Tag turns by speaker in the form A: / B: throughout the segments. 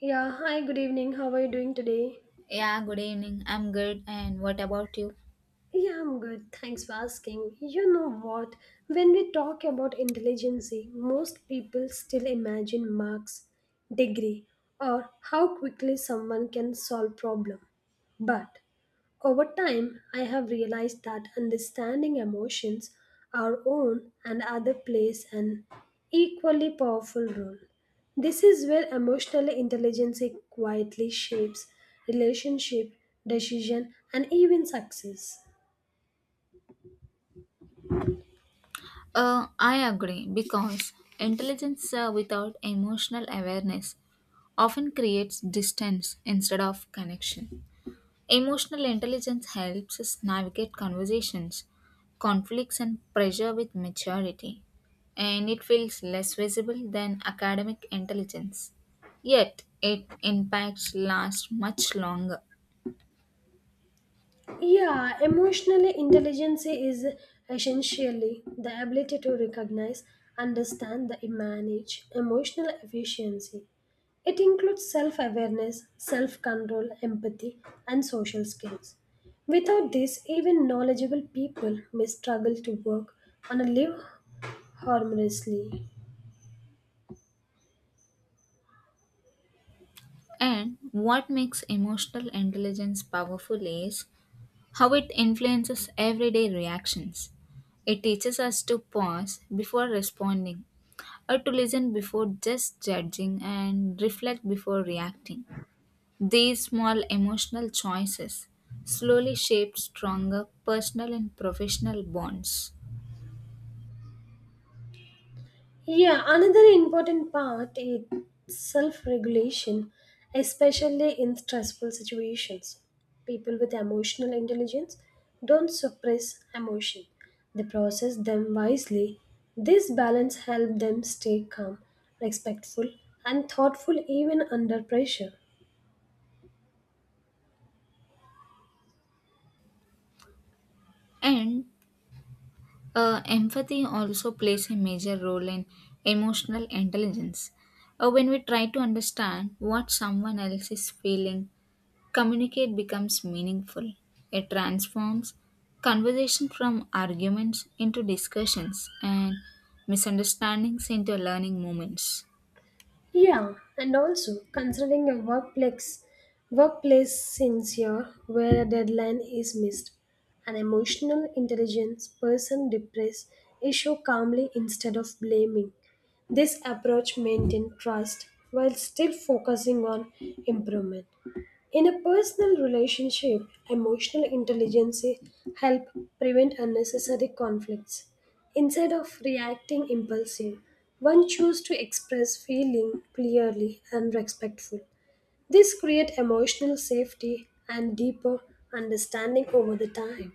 A: Yeah, hi, good evening. How are you doing today?
B: Yeah, good evening. I'm good. And what about you?
A: Yeah, I'm good. Thanks for asking. You know what? When we talk about intelligence, most people still imagine marks, degree, or how quickly someone can solve problem. But over time, I have realized that understanding emotions, our own and other, plays an equally powerful role. This is where emotional intelligence quietly shapes relationship, decision, and even success.
B: I agree because intelligence without emotional awareness often creates distance instead of connection. Emotional intelligence helps us navigate conversations, conflicts, and pressure with maturity, and it feels less visible than academic intelligence. Yet, it impacts last much longer.
A: Yeah, emotional intelligence is essentially the ability to recognize, understand, and manage emotional efficiency. It includes self awareness, self control, empathy, and social skills. Without this, even knowledgeable people may struggle to work on a live harmoniously.
B: And what makes emotional intelligence powerful is how it influences everyday reactions. It teaches us to pause before responding, or to listen before just judging, and reflect before reacting. These small emotional choices slowly shape stronger personal and professional bonds.
A: Yeah, another important part is self regulation, especially in stressful situations. People with emotional intelligence don't suppress emotion, they process them wisely. This balance helps them stay calm, respectful, and thoughtful even under pressure.
B: And empathy also plays a major role in emotional intelligence. When we try to understand what someone else is feeling, communicate becomes meaningful. It transforms conversation from arguments into discussions and misunderstandings into learning moments.
A: Yeah, and also considering a workplace sincere where a deadline is missed. An emotional intelligence person depressed issue calmly instead of blaming. This approach maintains trust while still focusing on improvement. In a personal relationship, emotional intelligence help prevent unnecessary conflicts. Instead of reacting impulsive, one chooses to express feeling clearly and respectful. This create emotional safety and deeper understanding over the time.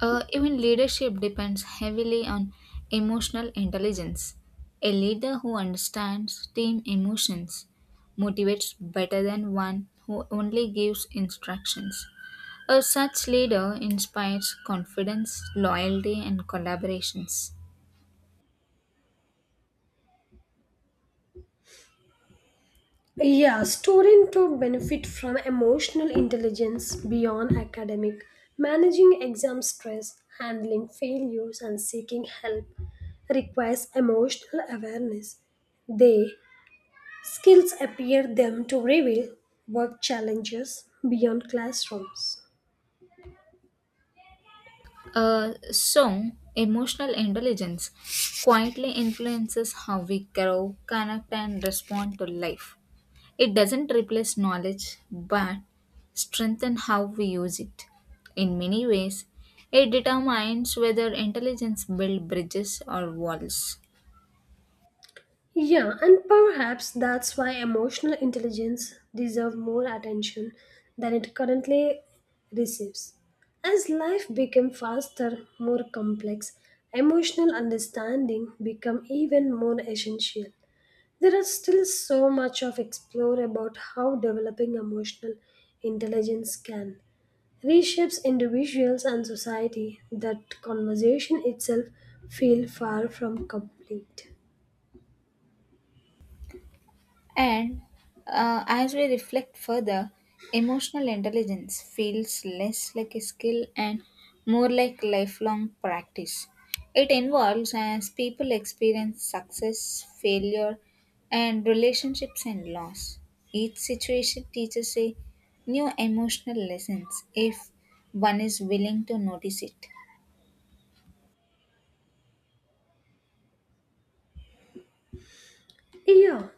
B: Even leadership depends heavily on emotional intelligence. A leader who understands team emotions motivates better than one who only gives instructions. A such leader inspires confidence, loyalty, and collaborations.
A: Yeah, students to benefit from emotional intelligence beyond academic, managing exam stress, handling failures, and seeking help requires emotional awareness. They skills appear them to reveal work challenges beyond classrooms.
B: A song, emotional intelligence, quietly influences how we grow, connect, and respond to life. It doesn't replace knowledge but strengthen how we use it. In many ways, it determines whether intelligence builds bridges or walls.
A: Yeah, and perhaps that's why emotional intelligence deserves more attention than it currently receives. As life becomes faster, more complex, emotional understanding become even more essential. There is still so much of explore about how developing emotional intelligence can reshapes individuals and society that conversation itself feel far from complete.
B: And as we reflect further, emotional intelligence feels less like a skill and more like lifelong practice. It involves as people experience success, failure, and relationships and loss. Each situation teaches a new emotional lessons if one is willing to notice it.
A: Yeah,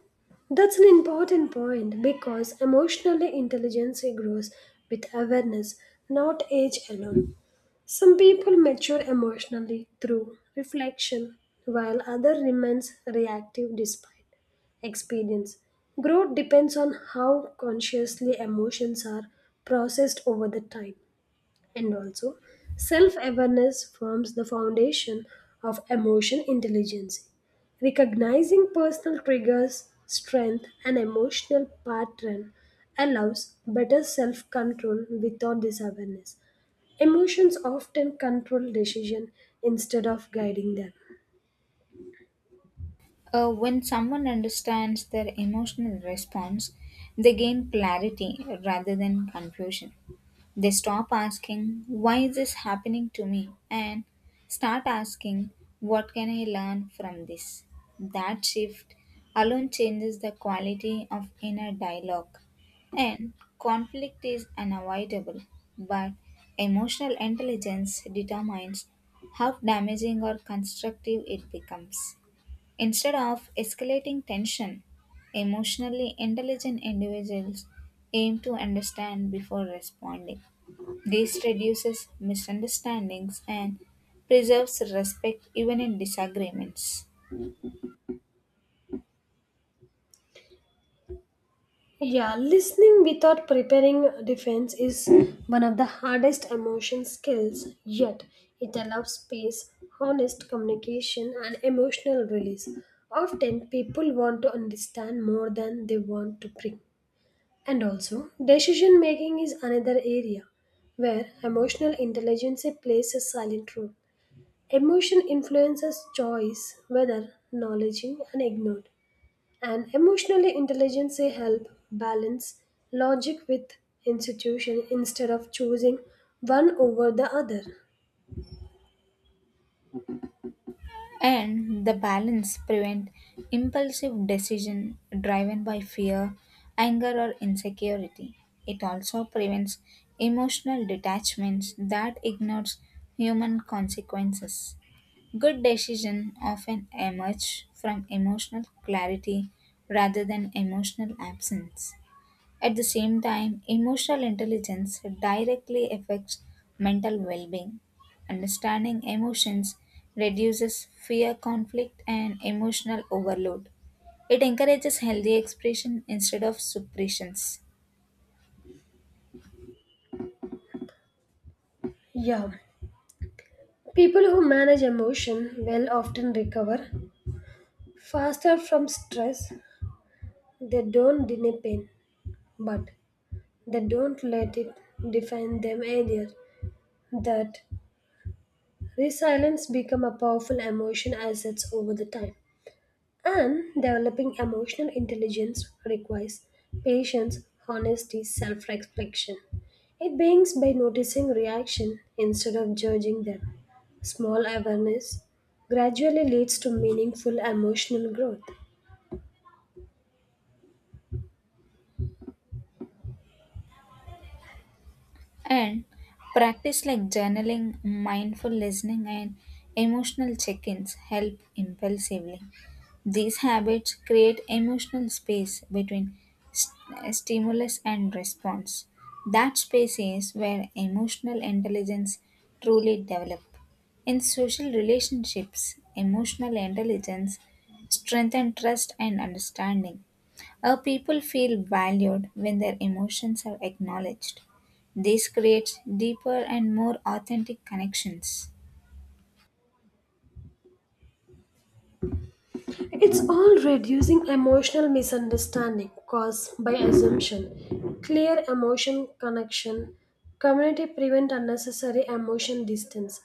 A: that's an important point because emotional intelligence grows with awareness, not age alone. Some people mature emotionally through reflection, while others remains reactive despite experience. Growth depends on how consciously emotions are processed over the time. And also, self awareness forms the foundation of emotion intelligence. Recognizing personal triggers, strength, and emotional pattern allows better self control without this awareness. Emotions often control decision instead of guiding them.
B: When someone understands their emotional response, they gain clarity rather than confusion. They stop asking, "Why is this happening to me?" and start asking, "What can I learn from this?" That shift alone changes the quality of inner dialogue. And conflict is unavoidable, but emotional intelligence determines how damaging or constructive it becomes. Instead of escalating tension, emotionally intelligent individuals aim to understand before responding. This reduces misunderstandings and preserves respect even in disagreements.
A: Yeah, listening without preparing defense is one of the hardest emotion skills, yet it allows space, honest communication, and emotional release. Often, people want to understand more than they want to bring. And also, decision making is another area where emotional intelligence plays a silent role. Emotion influences choice, whether acknowledging and ignored and emotionally intelligence help balance logic with institution instead of choosing one over the other.
B: And the balance prevent impulsive decision driven by fear, anger, or insecurity. It also prevents emotional detachments that ignores human consequences. Good decision often emerge from emotional clarity rather than emotional absence. At the same time, emotional intelligence directly affects mental well being. Understanding emotions reduces fear, conflict, and emotional overload. It encourages healthy expression instead of suppressions.
A: Yeah, people who manage emotion well often recover faster from stress. They don't deny pain, but they don't let it define them either. That resilience become a powerful emotion assets over the time. And developing emotional intelligence requires patience, honesty, self reflection. It begins by noticing reaction instead of judging them. Small awareness gradually leads to meaningful emotional growth.
B: And practice like journaling, mindful listening, and emotional check ins help impulsively. These habits create emotional space between stimulus and response. That space is where emotional intelligence truly develops. In social relationships, emotional intelligence strengthens trust and understanding. Our people feel valued when their emotions are acknowledged. This creates deeper and more authentic connections.
A: It's all reducing emotional misunderstanding caused by assumption. Clear emotion connection. Community prevent unnecessary emotion distance.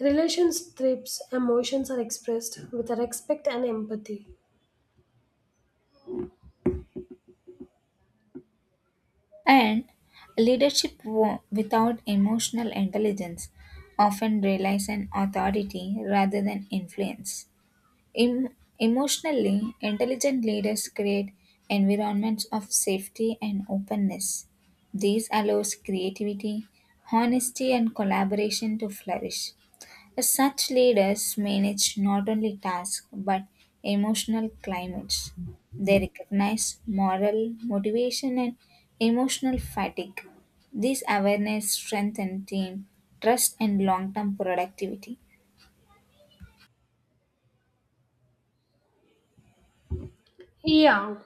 A: Relations trips emotions are expressed with respect and empathy.
B: And leadership without emotional intelligence often relies on authority rather than influence. Em- Emotionally intelligent leaders create environments of safety and openness. This allows creativity, honesty, and collaboration to flourish. Such leaders manage not only tasks but emotional climates. They recognize moral motivation and emotional fatigue. This awareness strengthens team trust and long term productivity.
A: Yeah,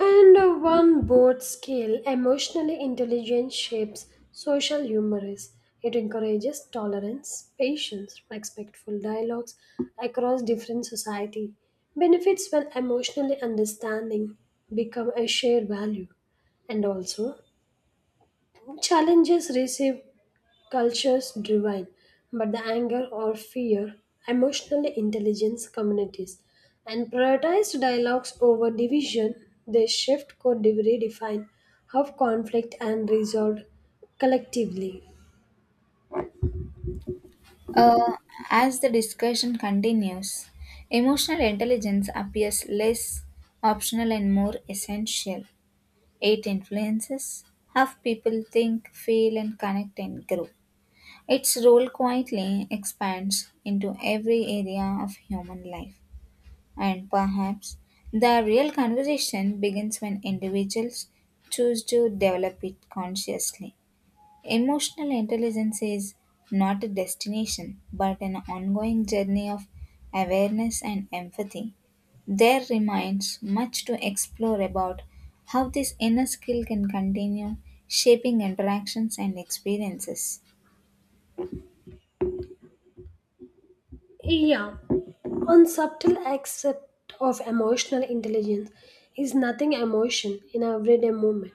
A: and one board scale, emotionally intelligent shapes social humor is. It encourages tolerance, patience, respectful dialogues across different society. Benefits when emotionally understanding become a shared value. And also, challenges receive cultures divine, but the anger or fear, emotionally intelligence communities, and prioritized dialogues over division, they shift could redefine how conflict and resolved collectively.
B: Uh, as the discussion continues, emotional intelligence appears less optional and more essential. It influences how people think, feel, and connect and grow. Its role quietly expands into every area of human life. And perhaps the real conversation begins when individuals choose to develop it consciously. Emotional intelligence is not a destination, but an ongoing journey of awareness and empathy. There remains much to explore about how this inner skill can continue shaping interactions and experiences.
A: Yeah, on subtle accept of emotional intelligence is nothing emotion in everyday movement.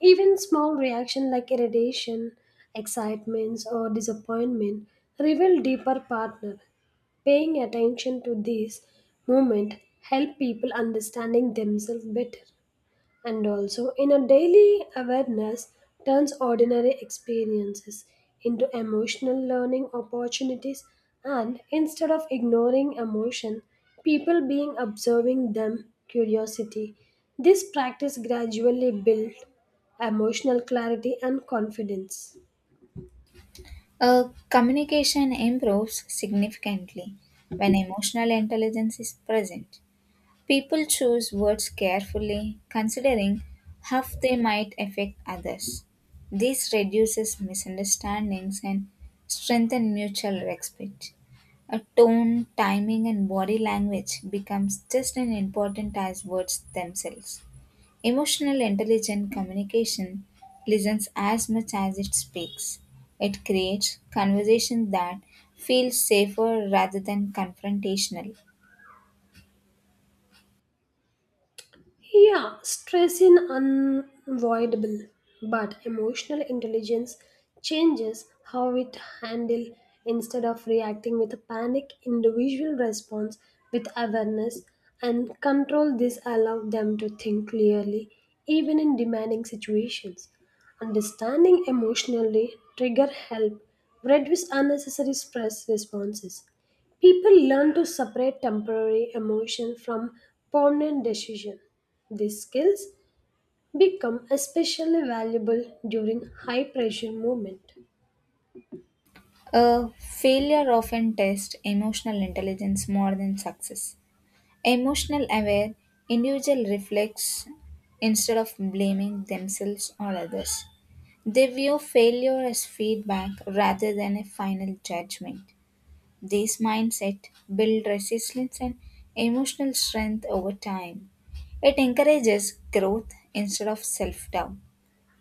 A: Even small reaction like irritation, excitements or disappointment reveal deeper partner. Paying attention to these movement help people understanding themselves better, and also in a daily awareness turns ordinary experiences into emotional learning opportunities, and instead of ignoring emotion people being observing them curiosity. This practice gradually built emotional clarity and confidence.
B: Communication improves significantly when emotional intelligence is present. People choose words carefully, considering how they might affect others. This reduces misunderstandings and strengthens mutual respect. A tone, timing, and body language becomes just as important as words themselves. Emotional intelligent communication listens as much as it speaks. It creates conversation that feels safer rather than confrontational.
A: Yeah, stress is unavoidable, but emotional intelligence changes how we handle instead of reacting with a panic individual response with awareness and control. This allows them to think clearly even in demanding situations. Understanding emotionally trigger help reduce unnecessary stress responses. People learn to separate temporary emotion from permanent decision. These skills become especially valuable during high pressure movement.
B: Failure often tests emotional intelligence more than success. Emotional aware individual reflects instead of blaming themselves or others. They view failure as feedback rather than a final judgment. This mindset builds resilience and emotional strength over time. It encourages growth instead of self doubt.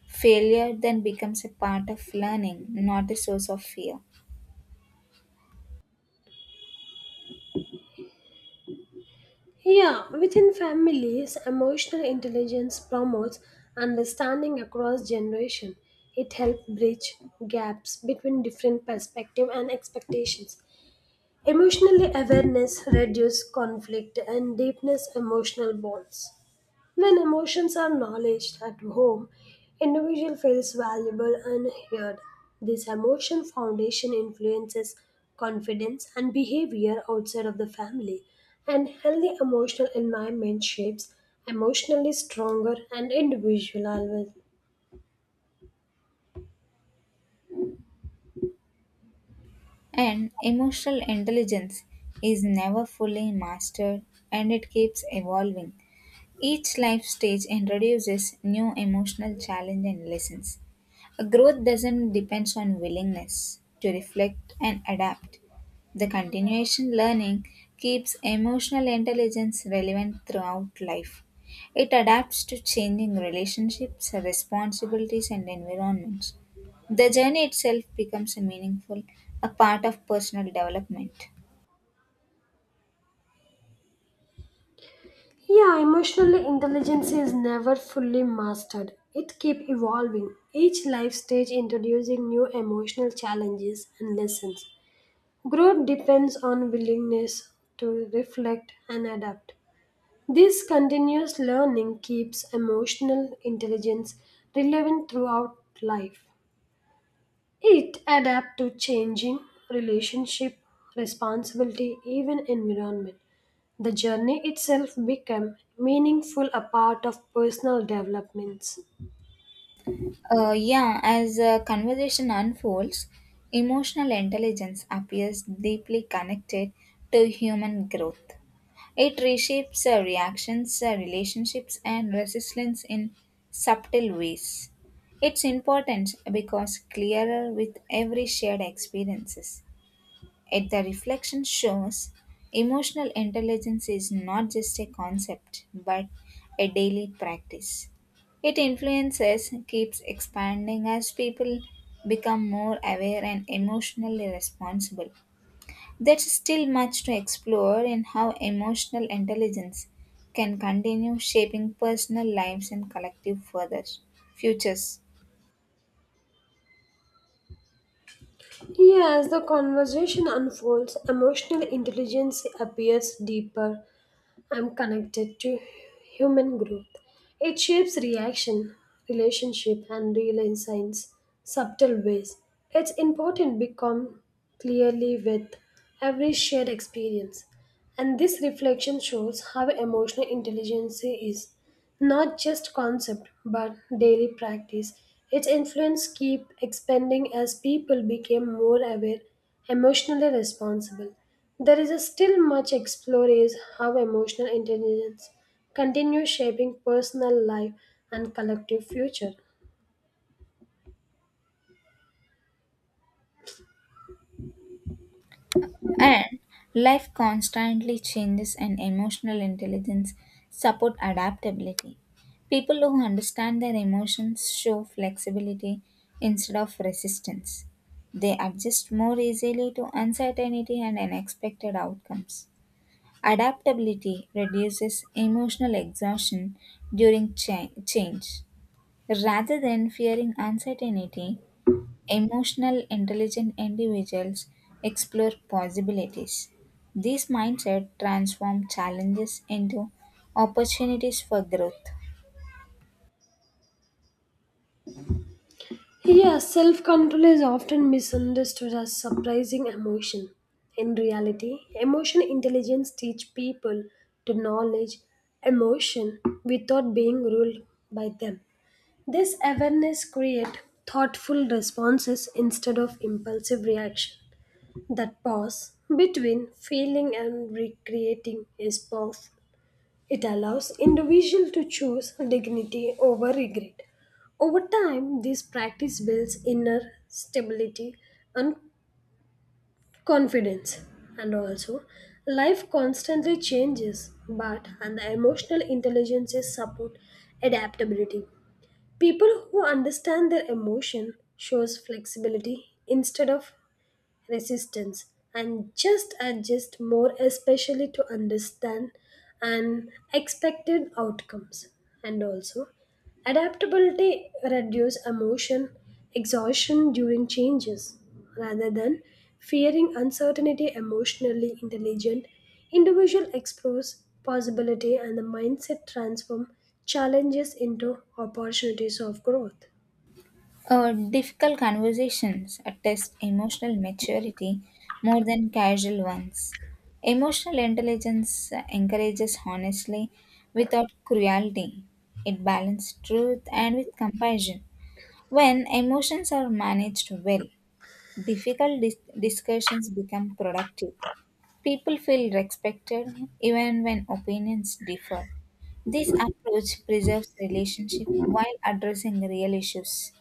B: Failure then becomes a part of learning, not a source of fear.
A: Yeah, within families, emotional intelligence promotes understanding across generation. It helps bridge gaps between different perspectives and expectations. Emotional awareness reduces conflict and deepens emotional bonds. When emotions are acknowledged at home, individual feels valuable and heard. This emotion foundation influences confidence and behavior outside of the family, and healthy emotional environment shapes emotionally stronger and individual.
B: And emotional intelligence is never fully mastered and it keeps evolving. Each life stage introduces new emotional challenge and lessons. A growth doesn't depend on willingness to reflect and adapt. The continuation learning keeps emotional intelligence relevant throughout life. It adapts to changing relationships, responsibilities, and environments. The journey itself becomes a meaningful, a part of personal development.
A: Yeah, emotional intelligence is never fully mastered. It keeps evolving, each life stage introducing new emotional challenges and lessons. Growth depends on willingness to reflect and adapt. This continuous learning keeps emotional intelligence relevant throughout life. It adapts to changing relationship, responsibility, even environment. The journey itself became meaningful a part of personal developments.
B: Yeah, as a conversation unfolds, emotional intelligence appears deeply connected to human growth. It reshapes reactions, relationships, and resilience in subtle ways. It's important because clearer with every shared experiences. Yet the reflection shows emotional intelligence is not just a concept but a daily practice. It influences, keeps expanding as people become more aware and emotionally responsible. There's still much to explore in how emotional intelligence can continue shaping personal lives and collective further futures.
A: Yeah, as the conversation unfolds, emotional intelligence appears deeper and connected to human growth. It shapes reaction, relationship, and real insights subtle ways. It's important become clearly with every shared experience. And this reflection shows how emotional intelligence is not just concept, but daily practice. Its influence keep expanding as people became more aware, emotionally responsible. There is a still much explore is how emotional intelligence continues shaping personal life and collective future.
B: And life constantly changes, and emotional intelligence support adaptability. People who understand their emotions show flexibility instead of resistance. They adjust more easily to uncertainty and unexpected outcomes. Adaptability reduces emotional exhaustion during change. Rather than fearing uncertainty, emotional intelligent individuals explore possibilities. This mindset transforms challenges into opportunities for growth.
A: Yeah, self control is often misunderstood as surprising emotion. In reality, emotion intelligence teach people to knowledge emotion without being ruled by them. This awareness create thoughtful responses instead of impulsive reaction. That pause between feeling and recreating is powerful. It allows individual to choose dignity over regret. Over time, this practice builds inner stability and confidence. And also, life constantly changes, but and the emotional intelligence is support adaptability. People who understand their emotion shows flexibility instead of resistance, and just adjust more especially to understand unexpected outcomes. And also, adaptability reduce emotion exhaustion during changes rather than fearing uncertainty. Emotionally intelligent individual explores possibility, and the mindset transform challenges into opportunities of growth.
B: Difficult conversations attest emotional maturity more than casual ones. Emotional intelligence encourages honestly without cruelty. It balances truth and with compassion. When emotions are managed well, difficult discussions become productive. People feel respected even when opinions differ. This approach preserves relationship while addressing real issues.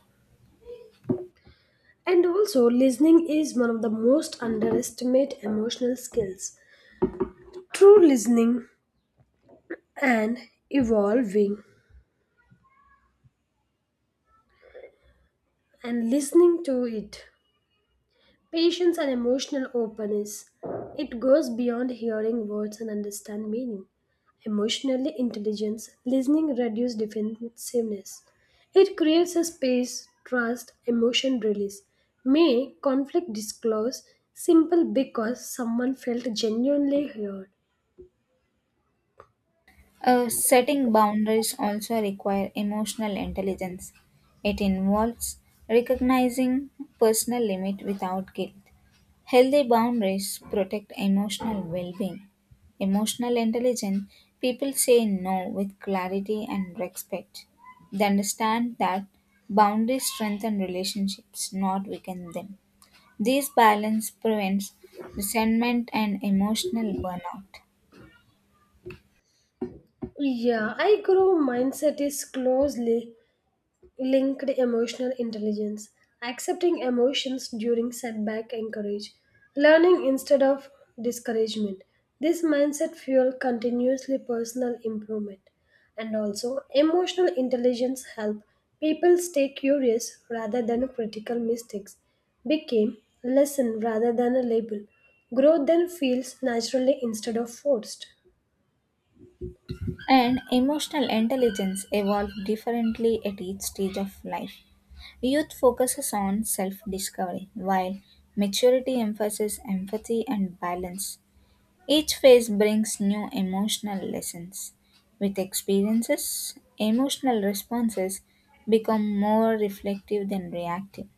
A: And also, listening is one of the most underestimated emotional skills. True listening and evolving and listening to it. Patience and emotional openness. It goes beyond hearing words and understand meaning. Emotionally intelligence, listening reduces defensiveness. It creates a space, trust, emotion release. May conflict disclose simple because someone felt genuinely heard.
B: Setting boundaries also require emotional intelligence. It involves recognizing personal limit without guilt. Healthy boundaries protect emotional well being. Emotional intelligent people say no with clarity and respect. They understand that boundaries strengthen relationships, not weaken them. This balance prevents resentment and emotional burnout.
A: Yeah, I grow mindset is closely linked emotional intelligence. Accepting emotions during setback encourage learning instead of discouragement. This mindset fuel continuously personal improvement, and also emotional intelligence help people stay curious rather than critical. Mistakes became lesson rather than a label. Growth then feels naturally instead of forced.
B: And emotional intelligence evolves differently at each stage of life. Youth focuses on self discovery, while maturity emphasizes empathy and balance. Each phase brings new emotional lessons. With experiences, emotional responses become more reflective than reactive.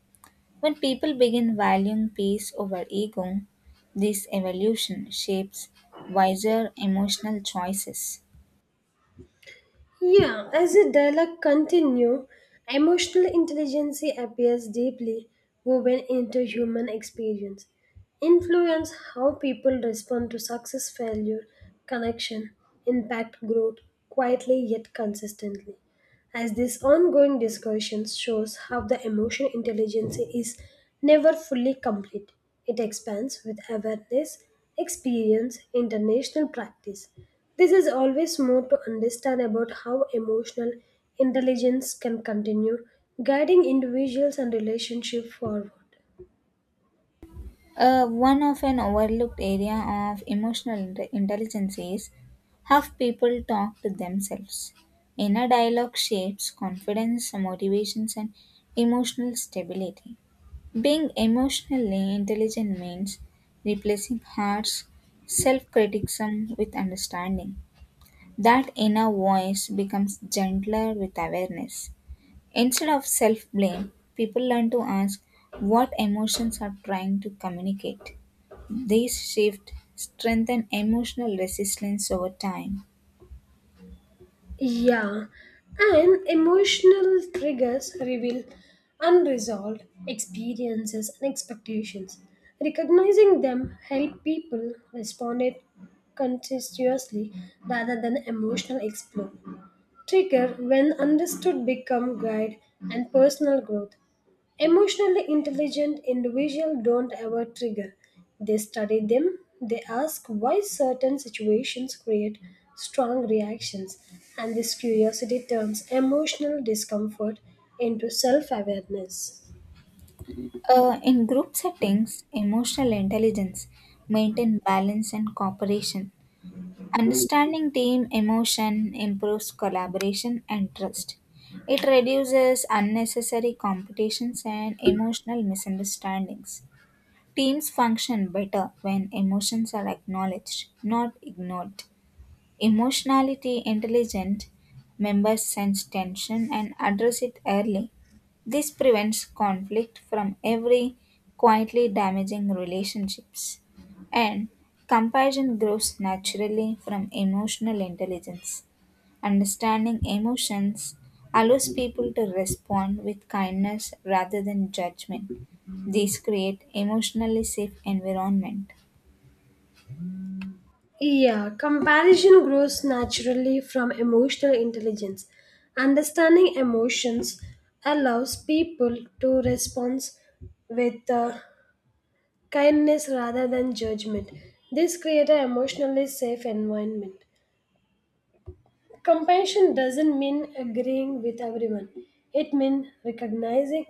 B: When people begin valuing peace over ego, this evolution shapes wiser emotional choices.
A: Yeah, as the dialogue continues, emotional intelligence appears deeply woven into human experience, influence how people respond to success, failure, connection, impact, growth, quietly yet consistently as this ongoing discussion shows how the emotional intelligence is never fully complete. It expands with awareness, experience, international practice. This is always more to understand about how emotional intelligence can continue guiding individuals and relationship forward.
B: One often overlooked area of emotional intelligence is how people talk to themselves. Inner dialogue shapes confidence, motivations, and emotional stability. Being emotionally intelligent means replacing harsh self criticism with understanding. That inner voice becomes gentler with awareness. Instead of self blame, people learn to ask what emotions are trying to communicate. These shifts strengthen emotional resilience over time.
A: Yeah, and emotional triggers reveal unresolved experiences and expectations. Recognizing them help people respond it conscientiously rather than emotional explode. Trigger, when understood, become guide and personal growth. Emotionally intelligent individuals don't ever trigger. They study them, they ask why certain situations create strong reactions, and this curiosity turns emotional discomfort into self awareness.
B: In group settings, emotional intelligence maintain balance and cooperation. Understanding team emotion improves collaboration and trust. It reduces unnecessary competitions and emotional misunderstandings. Teams function better when emotions are acknowledged, not ignored. Emotionally intelligent members sense tension and address it early. This prevents conflict from every quietly damaging relationships. And compassion grows naturally from emotional intelligence. Understanding emotions allows people to respond with kindness rather than judgment. These create emotionally safe environment.
A: Yeah, comparison grows naturally from emotional intelligence. Understanding emotions allows people to respond with kindness rather than judgment. This creates an emotionally safe environment. Compassion doesn't mean agreeing with everyone. It means recognizing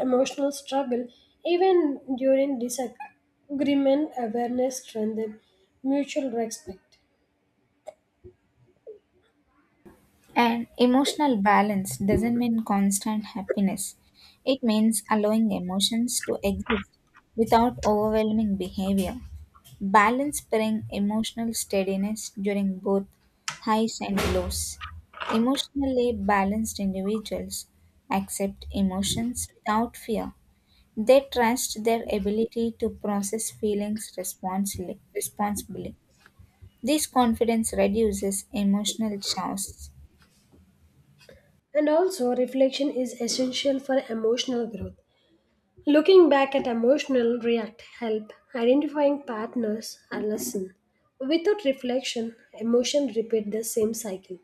A: emotional struggle even during disagreement, awareness strengthens mutual respect.
B: And emotional balance doesn't mean constant happiness. It means allowing emotions to exist without overwhelming behavior. Balance brings emotional steadiness during both highs and lows. Emotionally balanced individuals accept emotions without fear. They trust their ability to process feelings responsibly. This confidence reduces emotional chaos.
A: And also, reflection is essential for emotional growth. Looking back at emotional react help identifying partners a lesson. Without reflection, emotion repeat the same cycle.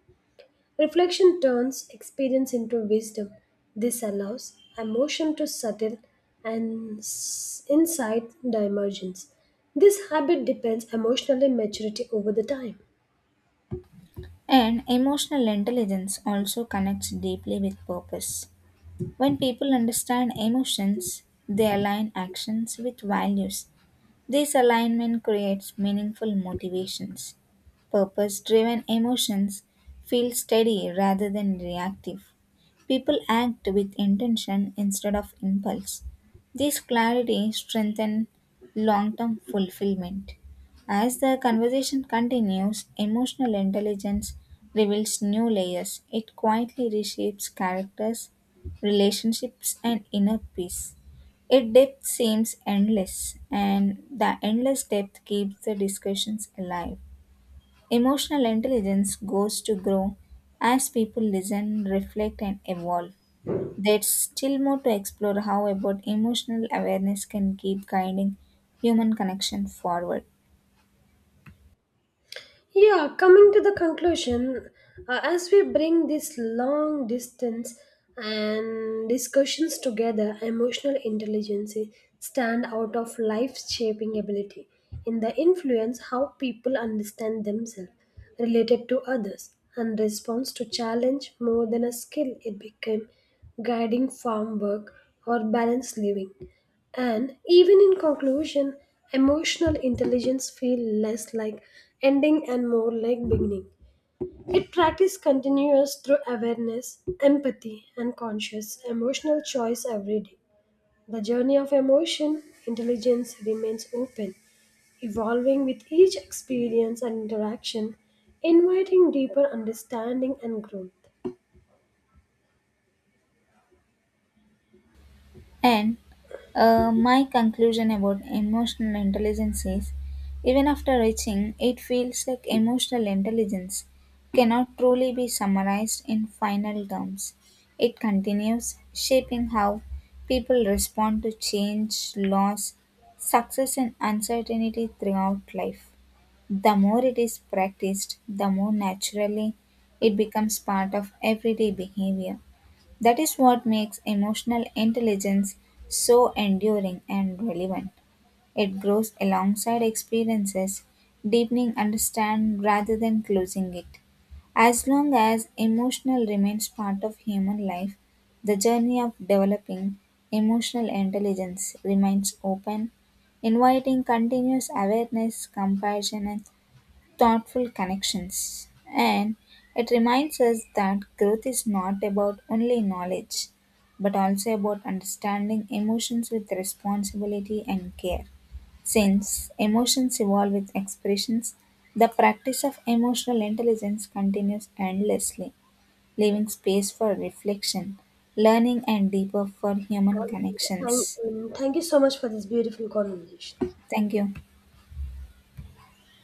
A: Reflection turns experience into wisdom. This allows emotion to settle and s- insight the emergence. This habit depends emotionally maturity over the time.
B: And emotional intelligence also connects deeply with purpose. When people understand emotions, they align actions with values. This alignment creates meaningful motivations. Purpose driven emotions feel steady rather than reactive. People act with intention instead of impulse. This clarity strengthens long term fulfillment. As the conversation continues, emotional intelligence reveals new layers. It quietly reshapes characters, relationships, and inner peace. Its depth seems endless, and the endless depth keeps the discussions alive. Emotional intelligence goes to grow as people listen, reflect, and evolve. There's still more to explore, how about emotional awareness can keep guiding human connection forward.
A: Yeah, coming to the conclusion, as we bring this long distance and discussions together, emotional intelligence stand out of life-shaping ability in the influence how people understand themselves, related to others, and response to challenge more than a skill. It became guiding farm work or balanced living. And even in conclusion, emotional intelligence feels less like ending and more like beginning. It practice continuous through awareness, empathy, and conscious emotional choice every day. The journey of emotion intelligence remains open, evolving with each experience and interaction, inviting deeper understanding and growth.
B: And my conclusion about emotional intelligence is even after reaching, it feels like emotional intelligence cannot truly be summarized in final terms. It continues shaping how people respond to change, loss, success, and uncertainty throughout life. The more it is practiced, the more naturally it becomes part of everyday behavior that is what makes emotional intelligence so enduring and relevant. It grows alongside experiences, deepening understanding rather than closing it. As long as emotional remains part of human life, the journey of developing emotional intelligence remains open, inviting continuous awareness, compassion, and thoughtful connections. And it reminds us that growth is not about only knowledge, but also about understanding emotions with responsibility and care. Since emotions evolve with expressions, the practice of emotional intelligence continues endlessly, leaving space for reflection, learning, and deeper for human
A: And thank,
B: connections.
A: and thank you so much for this beautiful conversation.
B: Thank you.